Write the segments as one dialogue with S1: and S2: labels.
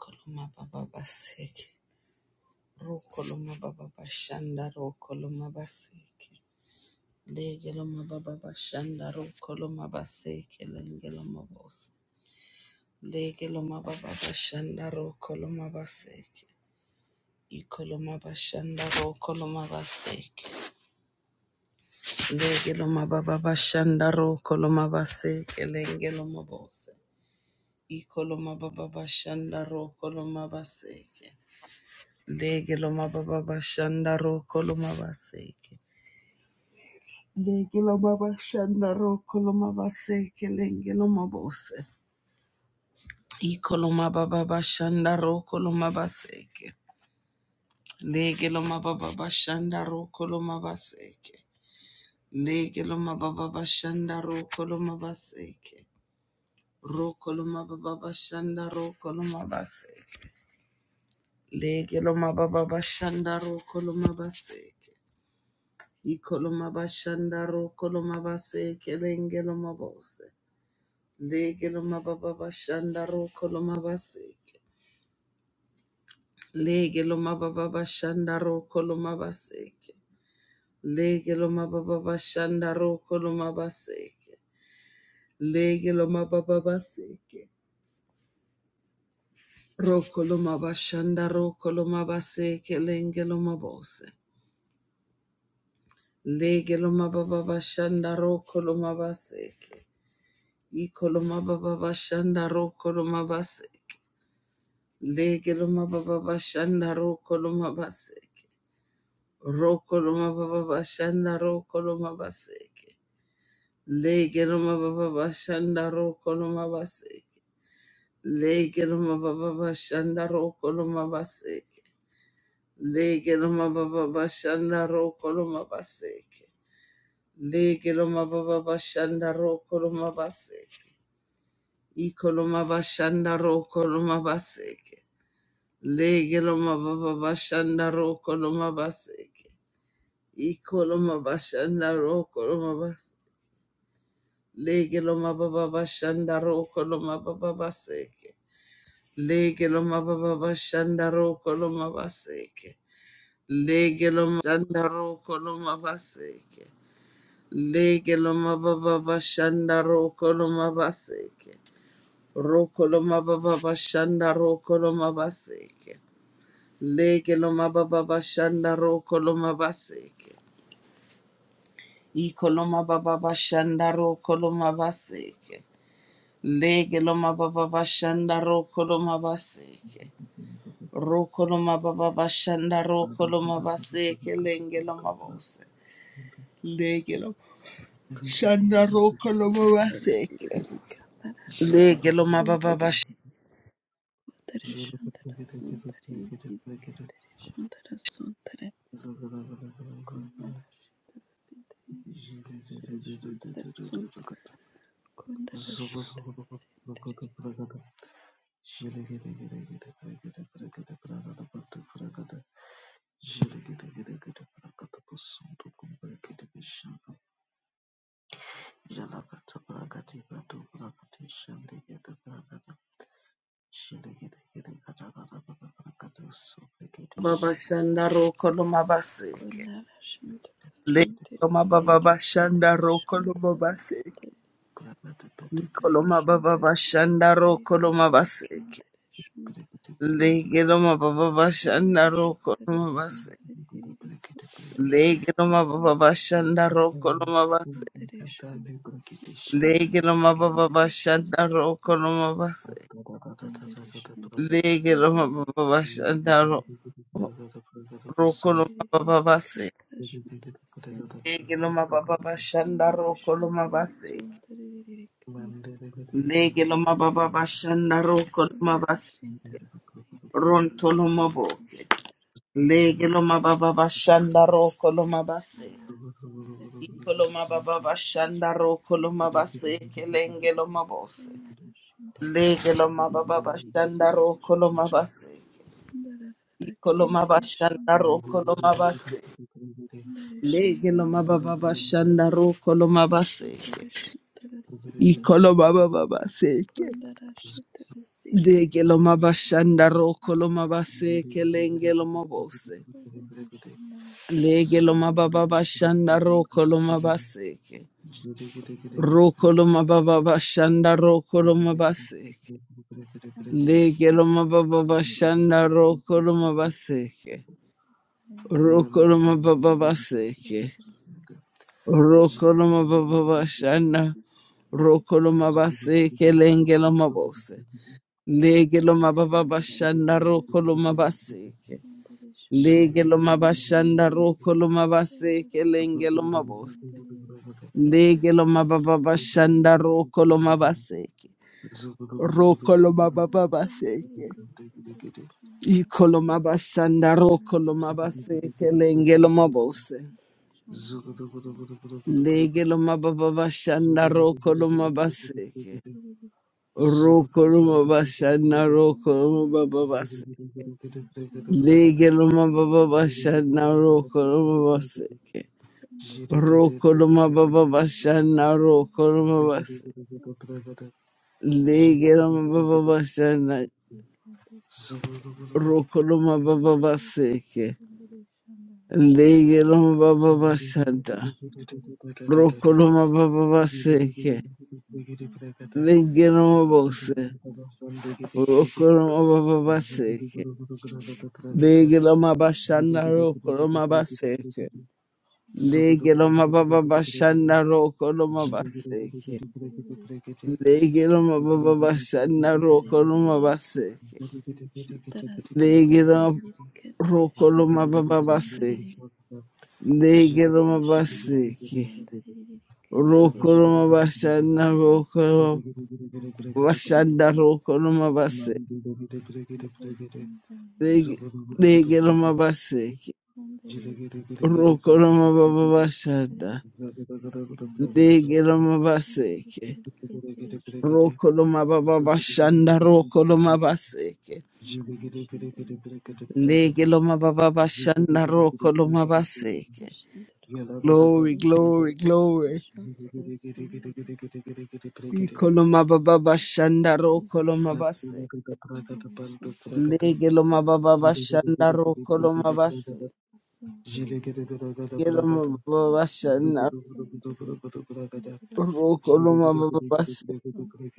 S1: Koloma baba baseke. Ro koloma baba bashanda ro koloma baseke. Legeloma baba bashanda ro koloma baseke lengeloma bose. Legeloma baba bashanda ro koloma baseke. Ikoloma bashanda ro koloma baseke. Legeloma baba bashanda ro koloma baseke lengeloma bose. Ikoloma baba bashanda ro koloma baseke. Lege lo mababa bashanda roko lo mabaseke. Lege lo mababa shanda roko lo mabaseke lenge lo mabose. Iko lo mababa bashanda roko lo mabaseke. Lege lo mababa bashanda roko lo mabaseke. Lege lo mababa bashanda roko lo mabaseke. Roko lo mababa bashanda roko lo mabaseke. Lege lo mababa bashanda roko lo mabaseke. Ikolomabashandaro kolomabase kelengelomabose. Legelomabababashandaro kolomabaseke. Legelomabababashandaro kolomabaseke. Legelomabababashandaro kolomabaseke. Legelomabababaseke. Rokolomabashandaro kolomabaseke lengelomabose. Legelomabababashandaro kolomabaseke. Ikoloma baba bashanda ro koloma baseke. Legeloma baba bashanda ro koloma baseke. Ro koloma baba bashanda ro koloma baseke. Legeloma baba bashanda ro koloma baseke. Legeloma baba bashanda ro koloma baseke. Legeloma baba bashanda ro koloma baseke. Legeloma baba bashanda ro koloma baseke. Ikoloma bashanda ro koloma baseke. Lege loma baba bashanda roko loma baseke. Iko loma bashanda roko loma bas. Lege loma baba bashanda roko loma baba baseke. Lege loma baba bashanda roko loma baseke. Lege loma bashanda roko loma baseke. Lege loma baba bashanda roko loma baseke. Roko loma baba bashanda roko loma baseke. Leke loma baba bashanda roko loma baseke. Iko loma baba bashanda roko loma baseke. Leke loma baba bashanda roko loma baseke. Roko loma baba bashanda roko
S2: Jalaga
S1: loma baseke lenge loma bose. Leke loma
S3: Kondara
S1: shanda roko loma baseke. Leke loma baba bashanda
S2: Prakati Patu Prakati Shandikata Prakata Mandere
S1: baba shanda roko baseke. Leke loma baba bashanda roko loma baseke.
S3: shindara
S1: Koloma baba bashanda ro koloma baseke. Lege loma baba
S3: Kundere
S1: bashanda ro
S3: Shandara
S1: koloma baseke.
S3: Sundari Riri Kundere
S1: Lege
S3: Shandara
S1: loma baba
S3: Sundara
S1: bashanda ro koloma baseke.
S3: Kundere Shandara Sundari Riri
S1: Lege loma baba
S3: Kendere
S1: bashanda
S3: Shandara
S1: ro
S3: Sundara
S1: koloma baseke.
S3: Kundere Shandara
S1: Lege loma
S3: Sundari Riri
S1: baba bashanda ro
S3: Kendere
S1: ro
S3: Sundari
S1: koloma
S3: Riri
S1: baba baseke.
S3: Kandara Shandara Sundara
S1: Lege loma baba bashanda
S3: Kundere
S1: ro koloma
S3: Shandara
S1: baseke.
S3: Sundari Riri Kandara
S1: Lege loma
S3: Sundari
S1: baba bashanda ro koloma
S3: Kundere
S1: baseke.
S3: Shandara Sundari Riri Kendere Shandara Sundari Kundere Shandara Sundari
S1: Ron
S3: Riri
S1: toloma
S3: Kendere
S1: boke.
S2: Thank
S1: Lege
S2: you.
S1: loma baba bashanda ro koloma baseke. Koloma baba
S3: Shandara
S1: bashandaro koloma
S3: Sundari
S1: base kelenge loma bo
S3: Kandarashi,
S1: lege loma baba
S3: Sundari,
S1: bashandaro koloma base koloma
S3: Kiri,
S1: bashandaro koloma base lege loma baba
S3: Sundara,
S1: bashandaro koloma base koloma baba base lege loma bashandaro koloma base kelenge loma lege loma baba bashandaro koloma base ro koloma baba bashandaro koloma base Legeloma baba
S2: Zogo
S1: bashanda rokoloma base rokoloma baba base
S3: Kundera
S1: rokoloma
S3: Shantara
S1: baba
S3: Sundari
S1: bashanda
S3: Kendere
S1: rokoloma
S3: Shantara
S1: base kelengeloma bos
S3: Kundera
S1: legeloma baba
S3: Shantara
S1: bashanda
S3: Sundari
S1: rokoloma base
S3: Kendere Shantara
S1: legeloma
S3: Sundari
S1: bashanda rokoloma base
S3: Kundera Shantara
S1: kelengeloma bos
S3: Sundari Kendere Shantara
S1: legeloma baba
S3: Kundera Shantara
S1: bashanda rokoloma base
S3: Sundari Kendere
S1: rokoloma
S3: Shantara
S1: baba base
S3: Sundari Kendere Shantara Sundari
S1: ikoloma
S3: Shantara
S1: bashanda rokoloma base
S3: Sundari Shantara Sundari
S1: kelengeloma bos.
S3: Kendere
S1: Legeloma baba shanda rokoloma bas
S2: Zugudu
S3: Shantara
S1: rokoloma bashanda
S3: Sundari
S1: rokoloma babas
S3: Kundera Shandara Sundar
S1: legeloma
S3: Niriri
S1: baba
S3: Kundera
S1: shanda
S3: Shandara
S1: rokoloma bas
S3: Kundera Shandara
S1: rokoloma baba
S3: Niriri
S1: shanda
S3: Kandara Shandara
S1: rokoloma bas
S3: Kundera Shandara Sundari
S1: legeloma baba shanda
S3: Kandera Shandara
S1: rokoloma baba
S3: Sundari Kundera Shandara
S1: baseke
S3: Sundari Kandara Shandara Sundari Kandara Shandara Sundari Kandara
S1: legeloma baba shanda
S3: Sundari Sundari Kandara
S1: rokoloma baba baseke
S3: Sundari
S1: legeloma bose
S3: Kandara
S1: rokoloma baba
S3: Sundari Kandara
S1: baseke Lege loma bashanda roko loma base.
S2: Zugu
S1: Lege
S3: Sundari
S1: loma baba bashanda roko loma
S3: Shandara
S1: base. Lege loma baba bashanda roko loma base. Lege loma roko loma baba base. Lege loma base. Roko loma bashanda roko loma- bashanda roko loma base. Lege lege loma base. Roko loma baba bashanda. Lege loma base.
S2: Zugudu gudu
S1: Rokoloma baba bashanda rokoloma bas legeloma baba bashanda rokoloma bas glory glory glory
S3: Ishonda sondere kondere
S1: ikoloma baba
S3: shendere
S1: bashanda
S3: sondere
S1: rokoloma bas
S3: kandere shendere
S1: legeloma
S3: sondere
S1: baba bashanda rokoloma
S3: kondere shendere sondere kondere
S1: baba bashanda
S3: shendere
S2: gudu
S3: sondere kandere shendere sondere
S2: gudu gudu.
S3: kandere shendere
S1: rokoloma baba
S3: sondere kondere shendere sondere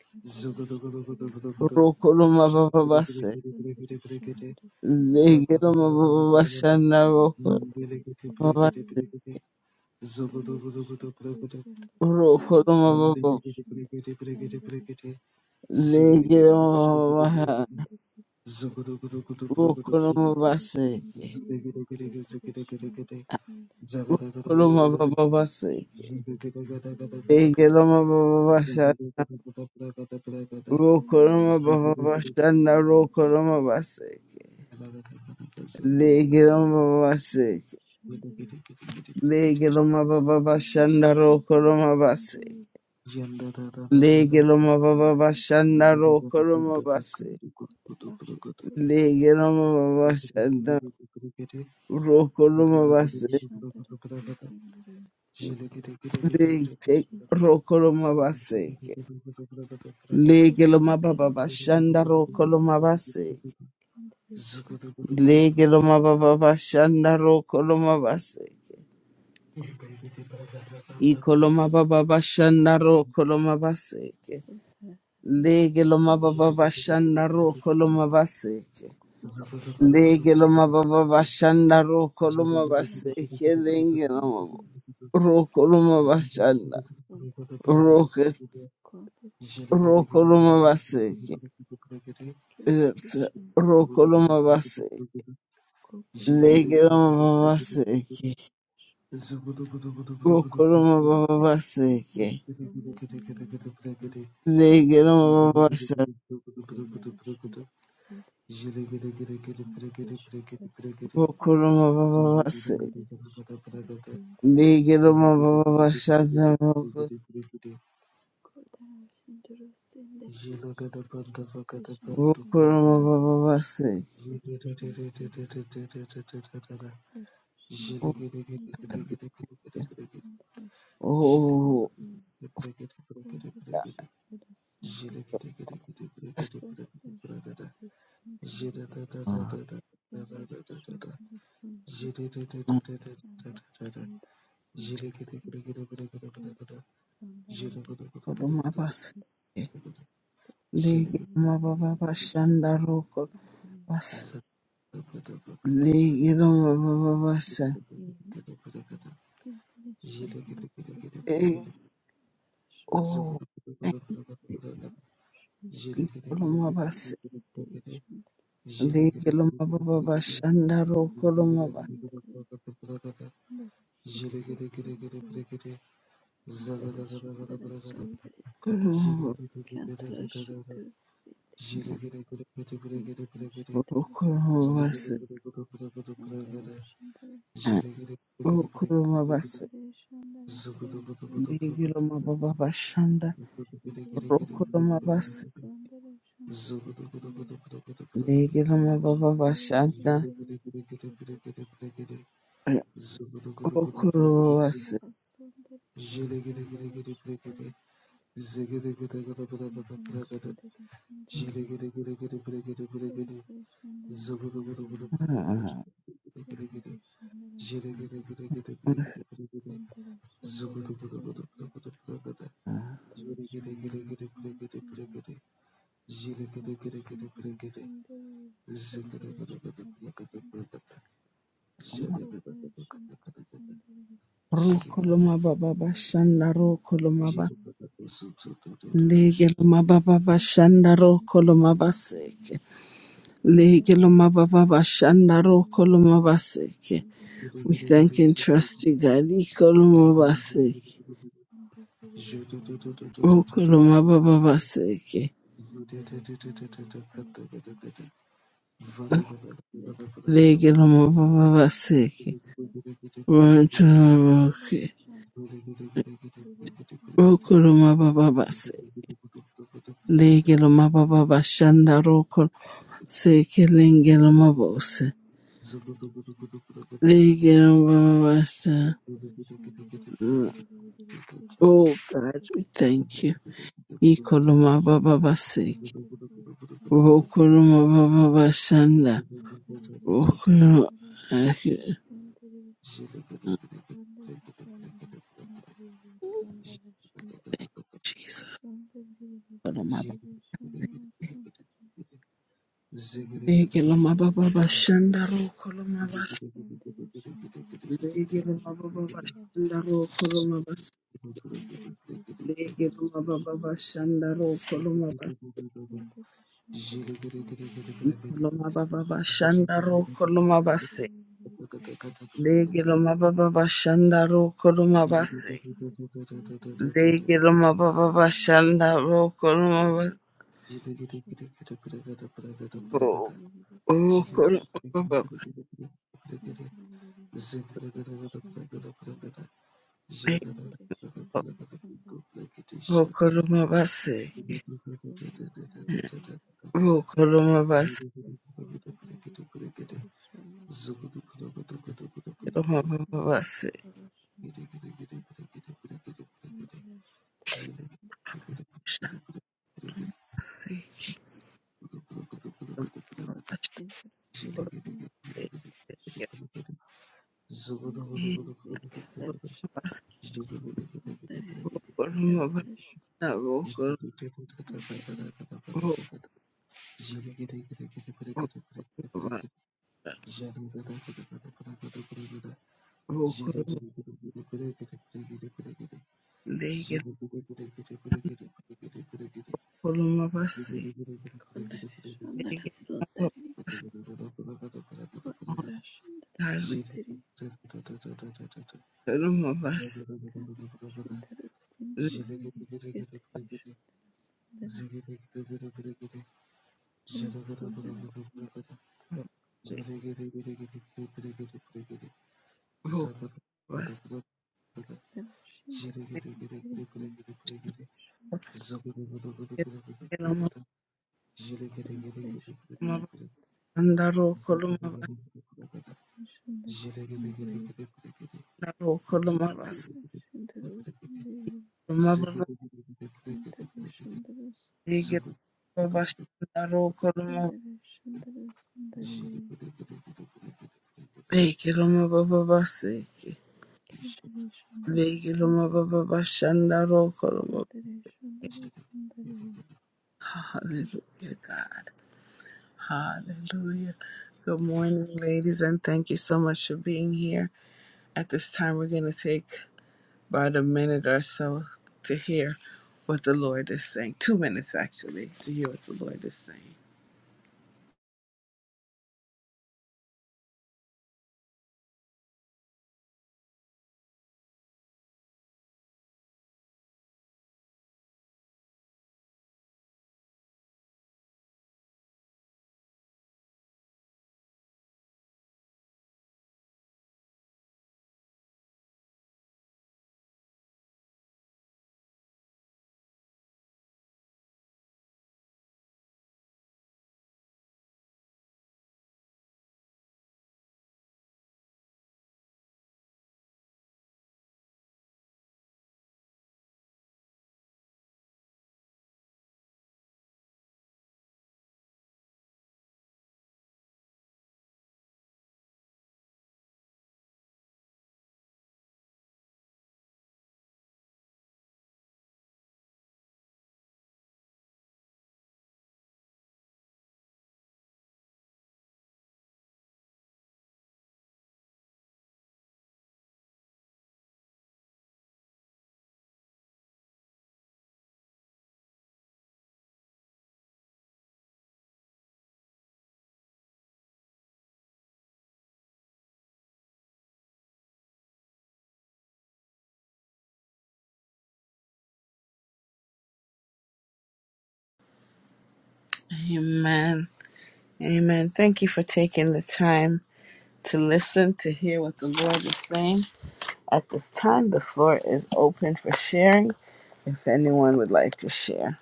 S3: kandere shendere
S2: Jigidididididididididididi.
S3: sondere
S1: rokoloma baba bas
S3: kondere shendere sondere kandere shendere
S1: legeloma baba
S2: Zabaragadagadagadagada,
S3: sondere
S1: bashanda
S3: kondere
S1: roko-
S3: shendere sondere
S2: Mandiligidibligidibligidi, Zugudugudugudubrugadu,
S1: rokoloma baba
S2: Mandiligidibligidibligidibligidi,
S1: legeloma baba
S2: Zigidigidigidibrigidibligidi, Zugudugudugudubrugudubrugudu,
S3: Andarashindare sindiririke ndarashindare
S2: Zigidigidigidigidigidigidi,
S3: sonda
S2: Zagadagadagadabragadu,
S1: rokoloma bas
S3: ndarashindare sindiririke
S2: Zigidigidigidigidigidigidi, Zagadagadagadabragadabragada,
S1: Ekeloma baba bashanda
S2: Zigidigidigidigidigidi, Zagadagadagadabragadabragada,
S3: ko
S1: rokoloma baba
S2: Zugudugudu,
S3: narashindare
S1: bashanda
S3: sindiririke
S1: rokoloma base legeloma
S3: sondaririke
S1: baba base
S3: ndarashindare sondare
S2: Mandiligidibligidibligidi,
S1: legeloma baba
S3: ko
S1: bashanda
S3: narashindare
S1: rokoloma base
S3: sindiririke ko
S1: legeloma baba
S3: ndarashindare
S1: bashanda
S2: Zugudu
S3: sonda
S1: rokoloma
S3: ko ndarashindare
S1: legeloma baba bashanda rokoloma
S3: ko
S1: base
S3: ndarashindare sondaririke
S1: le-
S3: ndarashindare
S1: rokoloma base
S3: ko
S1: legeloma baba
S3: narashindare
S1: bashanda rokoloma
S3: sindiririke
S1: base
S3: ndarashindare
S1: legeloma
S3: sondare
S1: baba bashanda rokoloma base
S3: Kondere Sandra
S1: Ikoloma baba bashanda ro koloma baseke.
S3: Sundere Sundara
S1: Lege loma
S3: Kiri
S1: baba
S3: Shandara
S1: bashanda ro koloma baseke.
S3: Sundere Shandara
S1: Lege loma baba bashanda ro koloma
S3: Kondara
S1: baseke.
S3: Shandara
S1: Lege loma
S3: Sundere
S1: ro koloma bashanda.
S3: Sundere
S1: Roke
S3: Kondere
S2: Jilagada
S1: ro
S2: banda
S3: Shandara
S1: koloma baseke.
S3: Sundere
S1: Eh,
S3: Kiri
S1: Ro
S3: Shandara
S1: koloma
S3: Sundere
S1: bas.
S3: Kondere
S1: Lege
S3: Shandara Sundere Kondere Shandara Sundere Kiri Shandara Kondara Shandara Sundere Kiri Shandara
S1: loma
S3: Sundere
S1: baba baseke. Ro koloma baba baseke. Lege loma baba bashanda. Ro koloma baba baseke.
S3: Kondere Shandara Sundere
S1: Legelo mababa
S3: Kurdarashindarasundari
S2: vagada bandu bragada
S3: Kendarashandarasundari
S1: Rukurumababasi.
S2: Zilekete
S1: Oh,
S3: Kurdarashandari Sundarashindarasundari Kandarashindari
S1: Rukurumabasi.
S3: Kurdarashindarasundari Kurdarashindarasundari Kandarashandarasundari Kandarashindarasundari Kundarasandarara Kindarashandarasundari
S1: Ligirumababashanda Rukurumabasi.
S3: Kandarashindari
S1: Ligirumabababasa.
S3: Sundari, Sundari,
S2: Zugada
S3: Sundari,
S1: Eh, oh, thank you, Kurumabasi. Ligirumabababashanda Rukurumabasi.
S3: Sundari,
S1: Kurumabasi.
S3: Sundari,
S1: Rukurumabasi. Ligirumabababashanda Kurumabasi.
S2: Zugudu
S3: Sundari, Darashindaru
S1: Ligirumabababashanda
S3: Sundariri Kandarish Kundarish
S1: Rukurumabasi.
S3: Nara Sundariri Kandarashindaru Sundarashindaru Sundariri Kundarashindaru Sundariri Kundarashindaru Sundariri Kundarashindaru Sundariri Darashindaru Sundariri Darashindaru Sundariri Kandarashindaru Sundariri Kundarashindaru Sundariri Kundarashindaru
S2: Je
S1: Rukuluma baba bashanda rukuluma ba
S3: Sundariri
S1: legeluma baba bashanda
S3: Sundari,
S1: rukuluma baseke legeluma baba bashanda rukuluma baseke. We thank and trust you, God. Ikoluma baseke rukuluma baba baseke legeluma baba baseke rukuluma baseke rukuluma baba baseke legeluma baba bashanda rukul seke lengeluma bose legeluma baba baseke.
S3: Kodere Shandara
S1: Mm.
S3: Sundari Vidiri Kendra
S1: Oh God, we
S3: Kodere
S1: thank you. Ikoloma baba
S3: Shandara
S1: basiki.
S3: Sundari Vidiri Kandara
S1: Okoloma baba bashanda.
S3: Sundari Vidiri
S1: Okoloma.
S3: Kandara Shandara Sundari
S1: Ikoloma
S3: Kodere Shandara Sundari Vidiri Kandara Shandara Sundari Vidiri
S1: baba.
S3: Kendra Shandara Sundari Kodara Shandara Sundari Vidiri Kendra
S1: Ikoloma
S3: Shandara
S1: baba
S3: Sundari
S1: bashanda.
S3: Vidiri Kandara
S1: Okoloma bashanda.
S3: Sundari Vidiri
S1: Okoloma basiki. Baba baba
S3: Kandara
S1: shanda.
S3: Shandara
S1: Okoloma
S2: Thank
S3: Sundari Shandari
S2: Zugu
S3: Sundari
S1: baskoloma
S3: Vikandari
S1: baba shanda. Okoloma
S3: Sundari
S1: bas.
S3: Vikandari Shandari
S1: Legeloma baba bashanda. Okoloma
S3: Sundari Shandari Sundari
S1: basiki.
S3: Vikandari Shandari Sundari Vikandari
S1: Legeloma baba
S3: Sundari
S1: bashanda. Okoloma
S3: Vikandari Shandara
S1: bas.
S3: Sundari Kundari Shandara Sundari
S1: Okolomabase,
S3: Kandari Shandara Sundari Vikandari Sundari Vikandari Shandara
S1: Okolomabase,
S3: Sundari Vikandari Shandara Kundari
S1: Okolomabase, Okolomabase,
S2: Zhili
S3: Sundari, Sundari,
S1: Okolomabana, Okol, Okolomabase, Okolomabase, Okolomabase,
S2: Zagada
S3: Sundari,
S1: God, we Okolomabase, Okolomabase, Okolomabase, Okolomabase,
S2: Blessings,
S3: Sundari, Sundari, Kendere Sundara Sukandere Sundara Sundari
S1: Okolomabase, Okolomabase,
S3: Kendere Sundara
S1: Legiloma
S3: Sundara
S1: Baba Bashanda Rokoloma.
S3: Kondere Sundara Sundari
S1: Hallelujah, God. Hallelujah. Good morning, ladies, and thank you so much for being here. At this time, we're going to take about a minute or so to hear what the Lord is saying. Two minutes, actually, to hear what the Lord is saying. Amen. Amen. Thank you for taking the time to listen, to hear what the Lord is saying. At this time, the floor is open for sharing if anyone would like to share.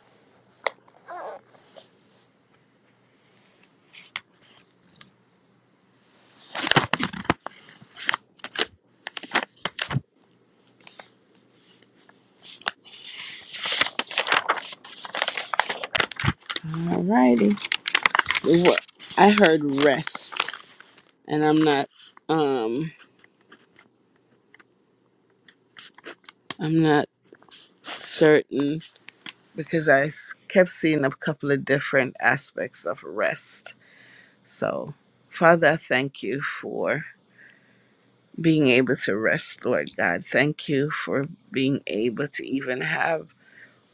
S1: Alrighty. Wha- I heard rest, and I'm not, um, I'm not certain because I s- kept seeing a couple of different aspects of rest. So, Father, I thank you for being able to rest, Lord God. Thank you for being able to even have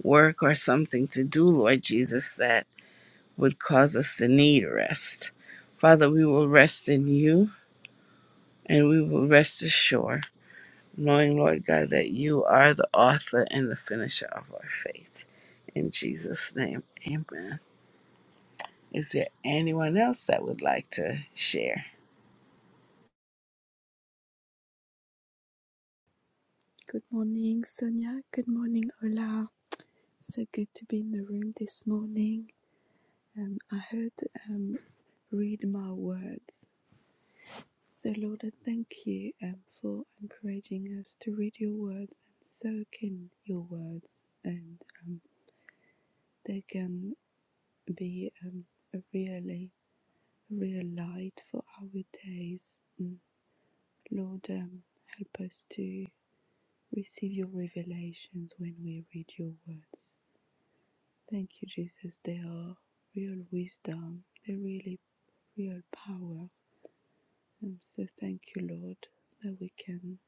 S1: work or something to do, Lord Jesus, that would cause us to need rest. Father, we will rest in you and we will rest assured, knowing, Lord God, that you are the author and the finisher of our faith. In Jesus' name, amen. Is there anyone else that would like to share?
S3: Good morning, Sonia. Good morning, Ola. So good to be in the room this morning. Um, I heard um, read my words. So, Lord, I thank you um, for encouraging us to read your words and soak in your words, and um, they can be um, a really real light for our days. Mm. Lord, um, help us to receive your revelations when we read your words. Thank you, Jesus. They are real wisdom, they're really real power. Um, so thank you, Lord, that we can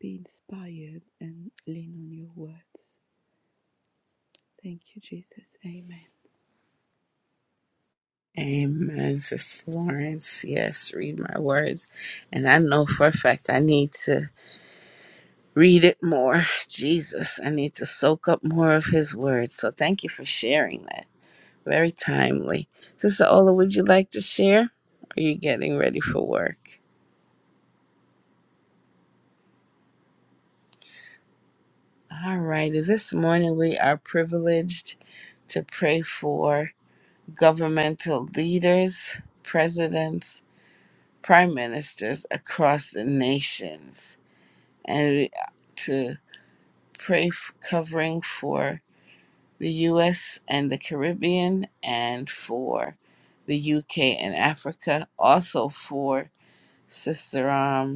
S3: be inspired and lean on your words. Thank you, Jesus. Amen.
S1: Amen, Sister Lawrence, Yes, read my words. And I know for a fact I need to read it more. Jesus, I need to soak up more of his words. So thank you for sharing that Very timely. Sister Ola, would you like to share? Are you getting ready for work? All righty. This morning we are privileged to pray for governmental leaders, presidents, prime ministers across the nations, and we- to pray f- covering for the U.S. and the Caribbean, and for the U.K. and Africa. Also for Sister um,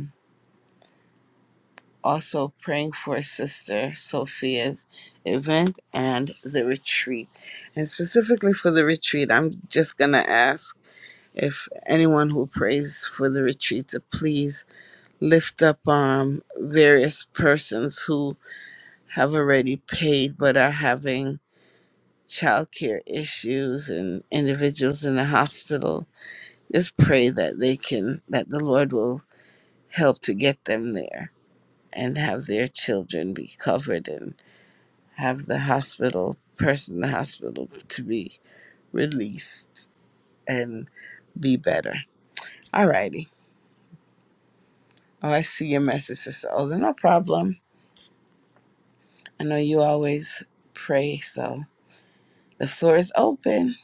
S1: also praying for Sister Sophia's event and the retreat. And specifically for the retreat, I'm just going to ask if anyone who prays for the retreat to please lift up um, various persons who have already paid but are having childcare issues and individuals in the hospital. Just pray that they can, that the Lord will help to get them there and have their children be covered and. have the hospital person in the hospital to be released and be better. Alrighty. Oh, I see your message, Sister Older. No problem. I know you always pray, so the floor is open.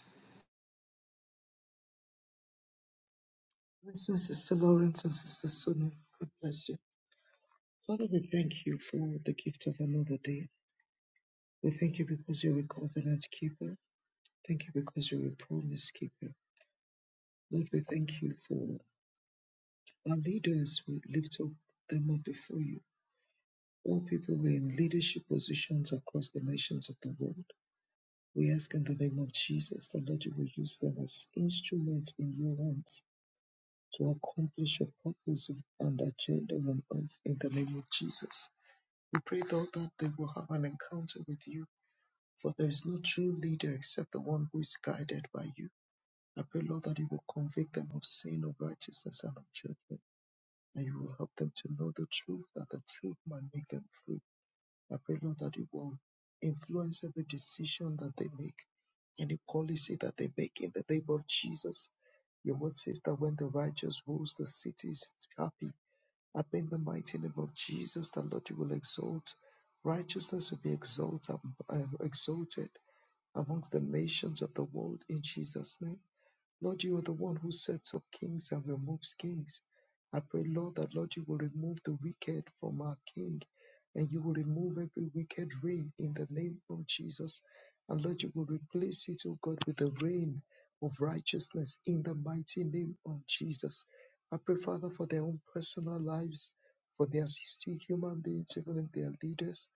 S2: Sister Lawrence and Sister Sonia. God bless you. Father, we thank you for the gift of another day. We thank you because you're a covenant keeper. Thank you because you're a promise keeper. Lord, we thank you for our leaders. We lift up them up before you. All people were in leadership positions across the nations of the world. We ask in the name of Jesus that Lord you will use them as instruments in your hands to accomplish your purpose and agenda on earth in the name of Jesus. We pray though that they will have an encounter with you, for there is no true leader except the one who is guided by you. I pray, Lord, that you will convict them of sin, of righteousness, and of judgment, and you will help them to know the truth, that the truth might make them free I pray, Lord, that you will influence every decision that they make, any policy that they make in the name of Jesus. Your word says that when the righteous rules the cities, it's happy. I pray in the mighty name of Jesus that Lord, you will exalt. Righteousness will be exalted, uh, exalted amongst the nations of the world in Jesus' name. Lord, you are the one who sets up kings and removes kings. I pray, Lord, that Lord, you will remove the wicked from our king and you will remove every wicked reign in the name of Jesus. And Lord, you will replace it, O God, with the reign of righteousness in the mighty name of Jesus. I pray, Father, for their own personal lives, for they are still human beings, even if they are leaders.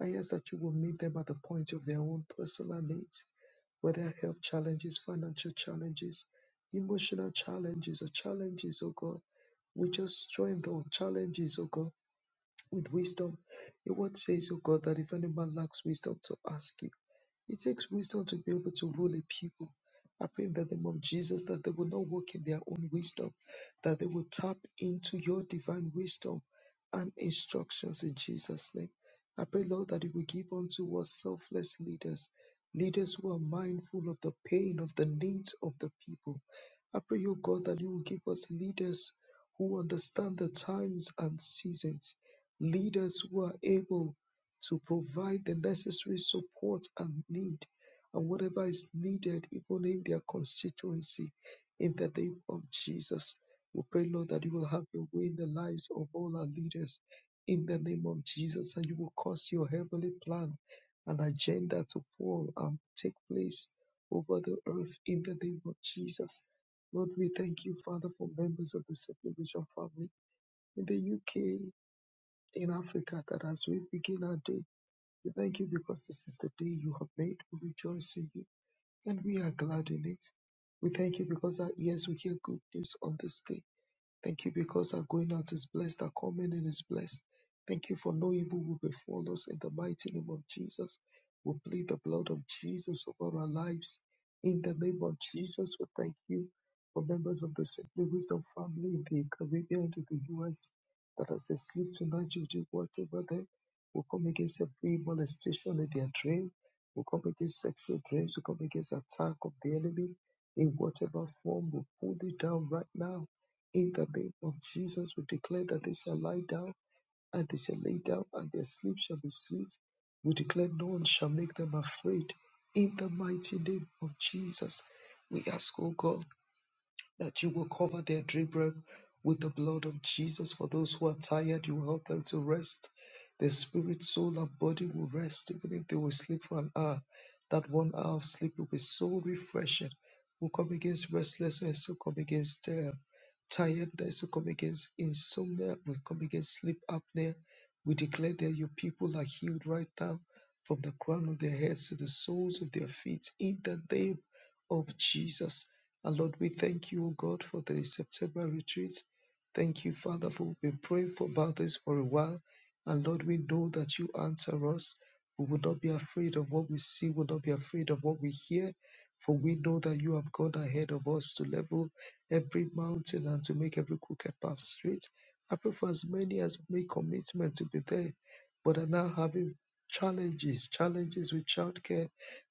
S2: I ask that you will meet them at the point of their own personal needs whether health challenges, financial challenges, emotional challenges, or challenges, oh God. We just join those challenges, oh God with wisdom. Your word says, oh God, that if any man lacks wisdom to ask you, it takes wisdom to be able to rule a people. I pray in the name of Jesus that they will not walk in their own wisdom, that they will tap into your divine wisdom and instructions in Jesus' name. I pray, Lord, that you will give unto us selfless leaders, leaders who are mindful of the pain, of the needs of the people. I pray, O God, that you will give us leaders who understand the times and seasons leaders who are able to provide the necessary support and need and whatever is needed, even in their constituency, in the name of Jesus. We pray, Lord, that you will have your way in the lives of all our leaders in the name of Jesus, and you will cause your heavenly plan and agenda to fall and take place over the earth in the name of Jesus. Lord, we thank you, Father, for members of the Second Vision family in the UK, in Africa that as we begin our day, we thank you because this is the day you have made. We rejoice in you and we are glad in it. We thank you because our ears will hear good news on this day. Thank you because our going out is blessed, our coming in is blessed. Thank you for no evil will befall us in the mighty name of Jesus. We plead the blood of Jesus over our lives. In the name of Jesus, we thank you for members of the Simply Wisdom family in the Caribbean in the US that as they sleep tonight, you do whatever them. We come against every molestation in their dream. We come against sexual dreams. We come against attack of the enemy in whatever form. We pull it down right now in the name of Jesus, we declare that they shall lie down and they shall lay down and their sleep shall be sweet. We declare no one shall make them afraid. In the mighty name of Jesus, we ask, O God that you will cover their dream realm with the blood of Jesus. For those who are tired, you will help them to rest. Their spirit, soul, and body will rest, even if they will sleep for an hour. That one hour of sleep will be so refreshing. Will come against restlessness, will come against uh, tiredness, will come against insomnia, will come against sleep apnea. We declare that your people are healed right now from the crown of their heads to the soles of their feet in the name of Jesus. And Lord, we thank you, O God, for the September retreat. Thank you, Father, for we've been praying for about this for a while. And Lord, we know that you answer us. We will not be afraid of what we see, we will not be afraid of what we hear, for we know that you have gone ahead of us to level every mountain and to make every crooked path straight. I pray for as many as make commitment to be there, but are now having challenges, challenges with childcare,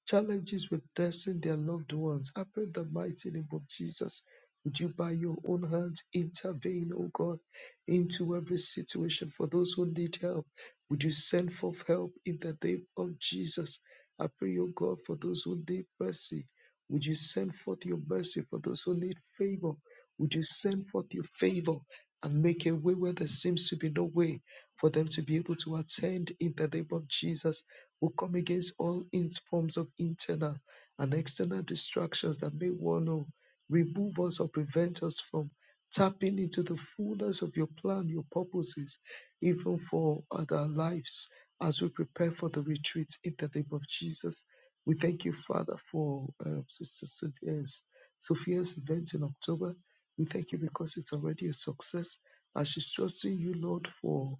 S2: challenges with nursing their loved ones. I pray in the mighty name of Jesus. Would you, by your own hands, intervene, oh God, into every situation for those who need help? Would you send forth help in the name of Jesus? I pray, O God, for those who need mercy. Would you send forth your mercy for those who need favor? Would you send forth your favor and make a way where there seems to be no way for them to be able to attend in the name of Jesus? will come against all in- forms of internal and external distractions that may want to remove us or prevent us from tapping into the fullness of your plan, your purposes, even for other lives as we prepare for the retreat in the name of Jesus. We thank you, Father, for um, Sister Sophia's, Sophia's event in October. We thank you because it's already a success. As she's trusting you, Lord, for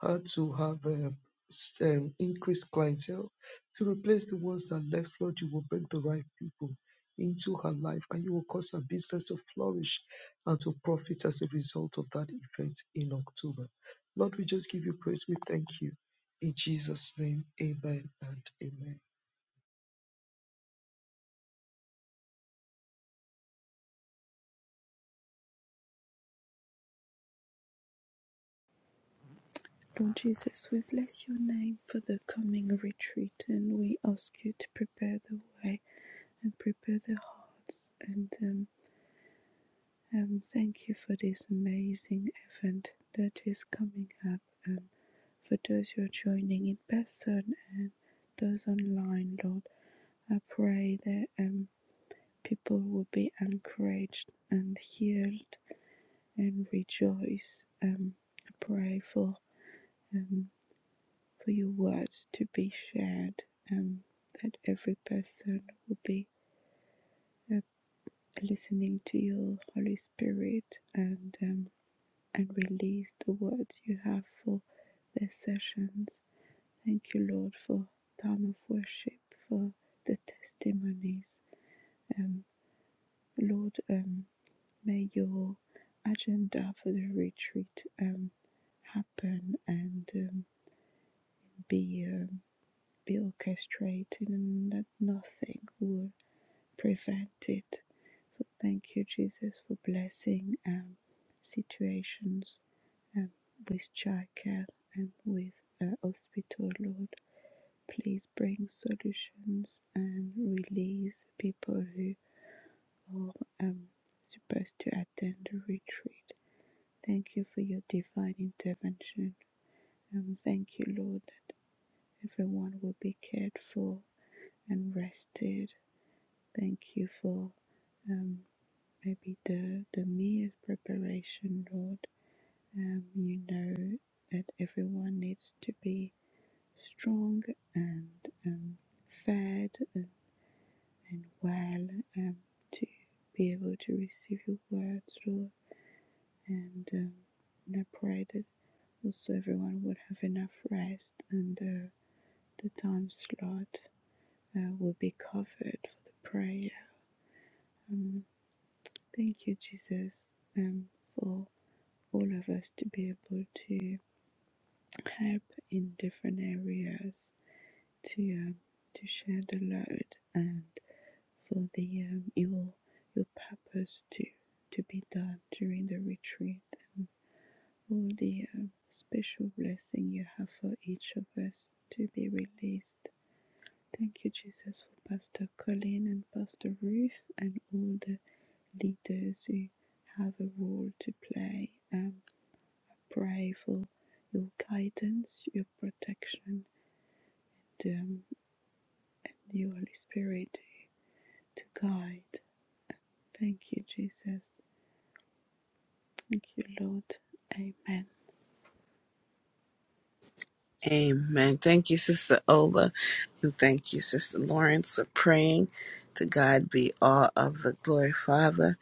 S2: how to have um, s- um, increased clientele to replace the ones that left Lord you will bring the right people into her life and you will cause her business to flourish and to profit as a result of that event in October Lord we just give you praise we thank you in Jesus name amen and amen
S3: Lord Jesus, we bless your name for the coming retreat and we ask you to prepare the way and prepare their hearts. And um, um, thank you for this amazing event that is coming up. Um, for those who are joining in person and those online, Lord, I pray that um, people will be encouraged and healed and rejoice. Um, I pray for um, for your words to be shared, um, that every person will be uh, listening to your Holy Spirit and um, and release the words you have for these sessions. Thank you, Lord, for time of worship, for the testimonies. Um, Lord, um, may your agenda for the retreat um, happen and um, be um, be orchestrated, and that nothing would prevent it. So thank you, Jesus, for blessing um, situations um, with childcare and with uh, hospital, Lord. Please bring solutions and release people who are um, supposed to attend the retreat. Thank you for your divine intervention. Um, thank you, Lord, that everyone will be cared for and rested. Thank you for um, maybe the the me preparation, Lord. Um, you know that everyone needs to be strong and um, fed and, and well um, to be able to receive your words, Lord. And um, and I pray that also everyone would have enough rest and uh, the time slot uh, will be covered for the prayer. Um, thank you, Jesus, um, for all of us to be able to help in different areas to um, to share the load and for the um, your your purpose to to be done during the retreat and all the um, special blessing you have for each of us to be released. Thank you, Jesus, for Pastor Colin and Pastor Ruth and all the leaders who have a role to play. um, pray for your guidance, your protection, and the Holy Spirit to guide. Thank you, Jesus. Thank you, Lord. Amen.
S1: Amen. Thank you, Sister Ola. And thank you, Sister Lawrence, for praying. To God be all of the glory, Father.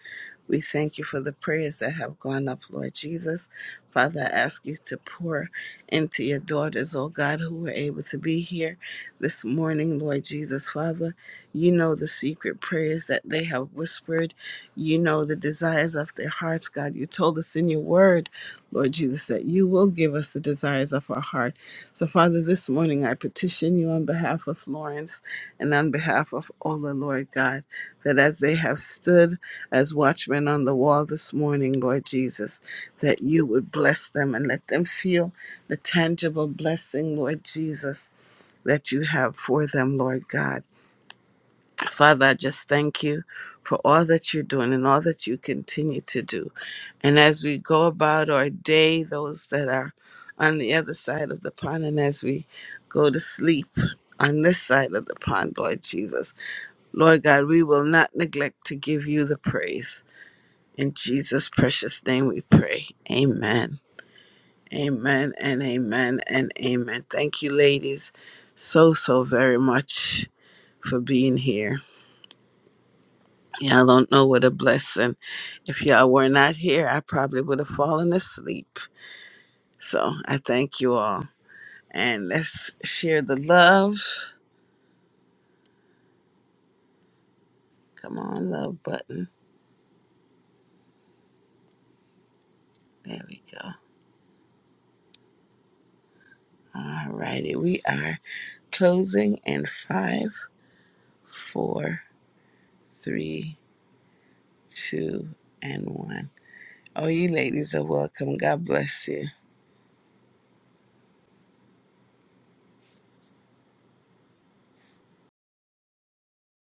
S1: We thank you for the prayers that have gone up, Lord Jesus. Father, I ask you to pour into your daughters, oh God, who were able to be here this morning, Lord Jesus. Father, you know the secret prayers that they have whispered. You know the desires of their hearts, God. You told us in your word, Lord Jesus, that you will give us the desires of our heart. So, Father, this morning I petition you on behalf of Lawrence and on behalf of Ola, Lord God, that as they have stood as watchmen on the wall this morning, Lord Jesus, that you would bless them and let them feel the tangible blessing, Lord Jesus, that you have for them, Lord God. Father, I just thank you for all that you're doing and all that you continue to do. And as we go about our day, those that are on the other side of the pond, and as we go to sleep on this side of the pond, Lord Jesus, Lord God, we will not neglect to give you the praise. In Jesus' precious name we pray. Amen. Amen and amen and amen. Thank you, ladies, so, so very much for being here. Y'all don't know what a blessing. If y'all were not here, I probably would have fallen asleep. So I thank you all. And let's share the love. Come on, love button. There we go. All righty. We are closing in five, four, three, two, and one. Oh, you ladies are welcome. God bless you.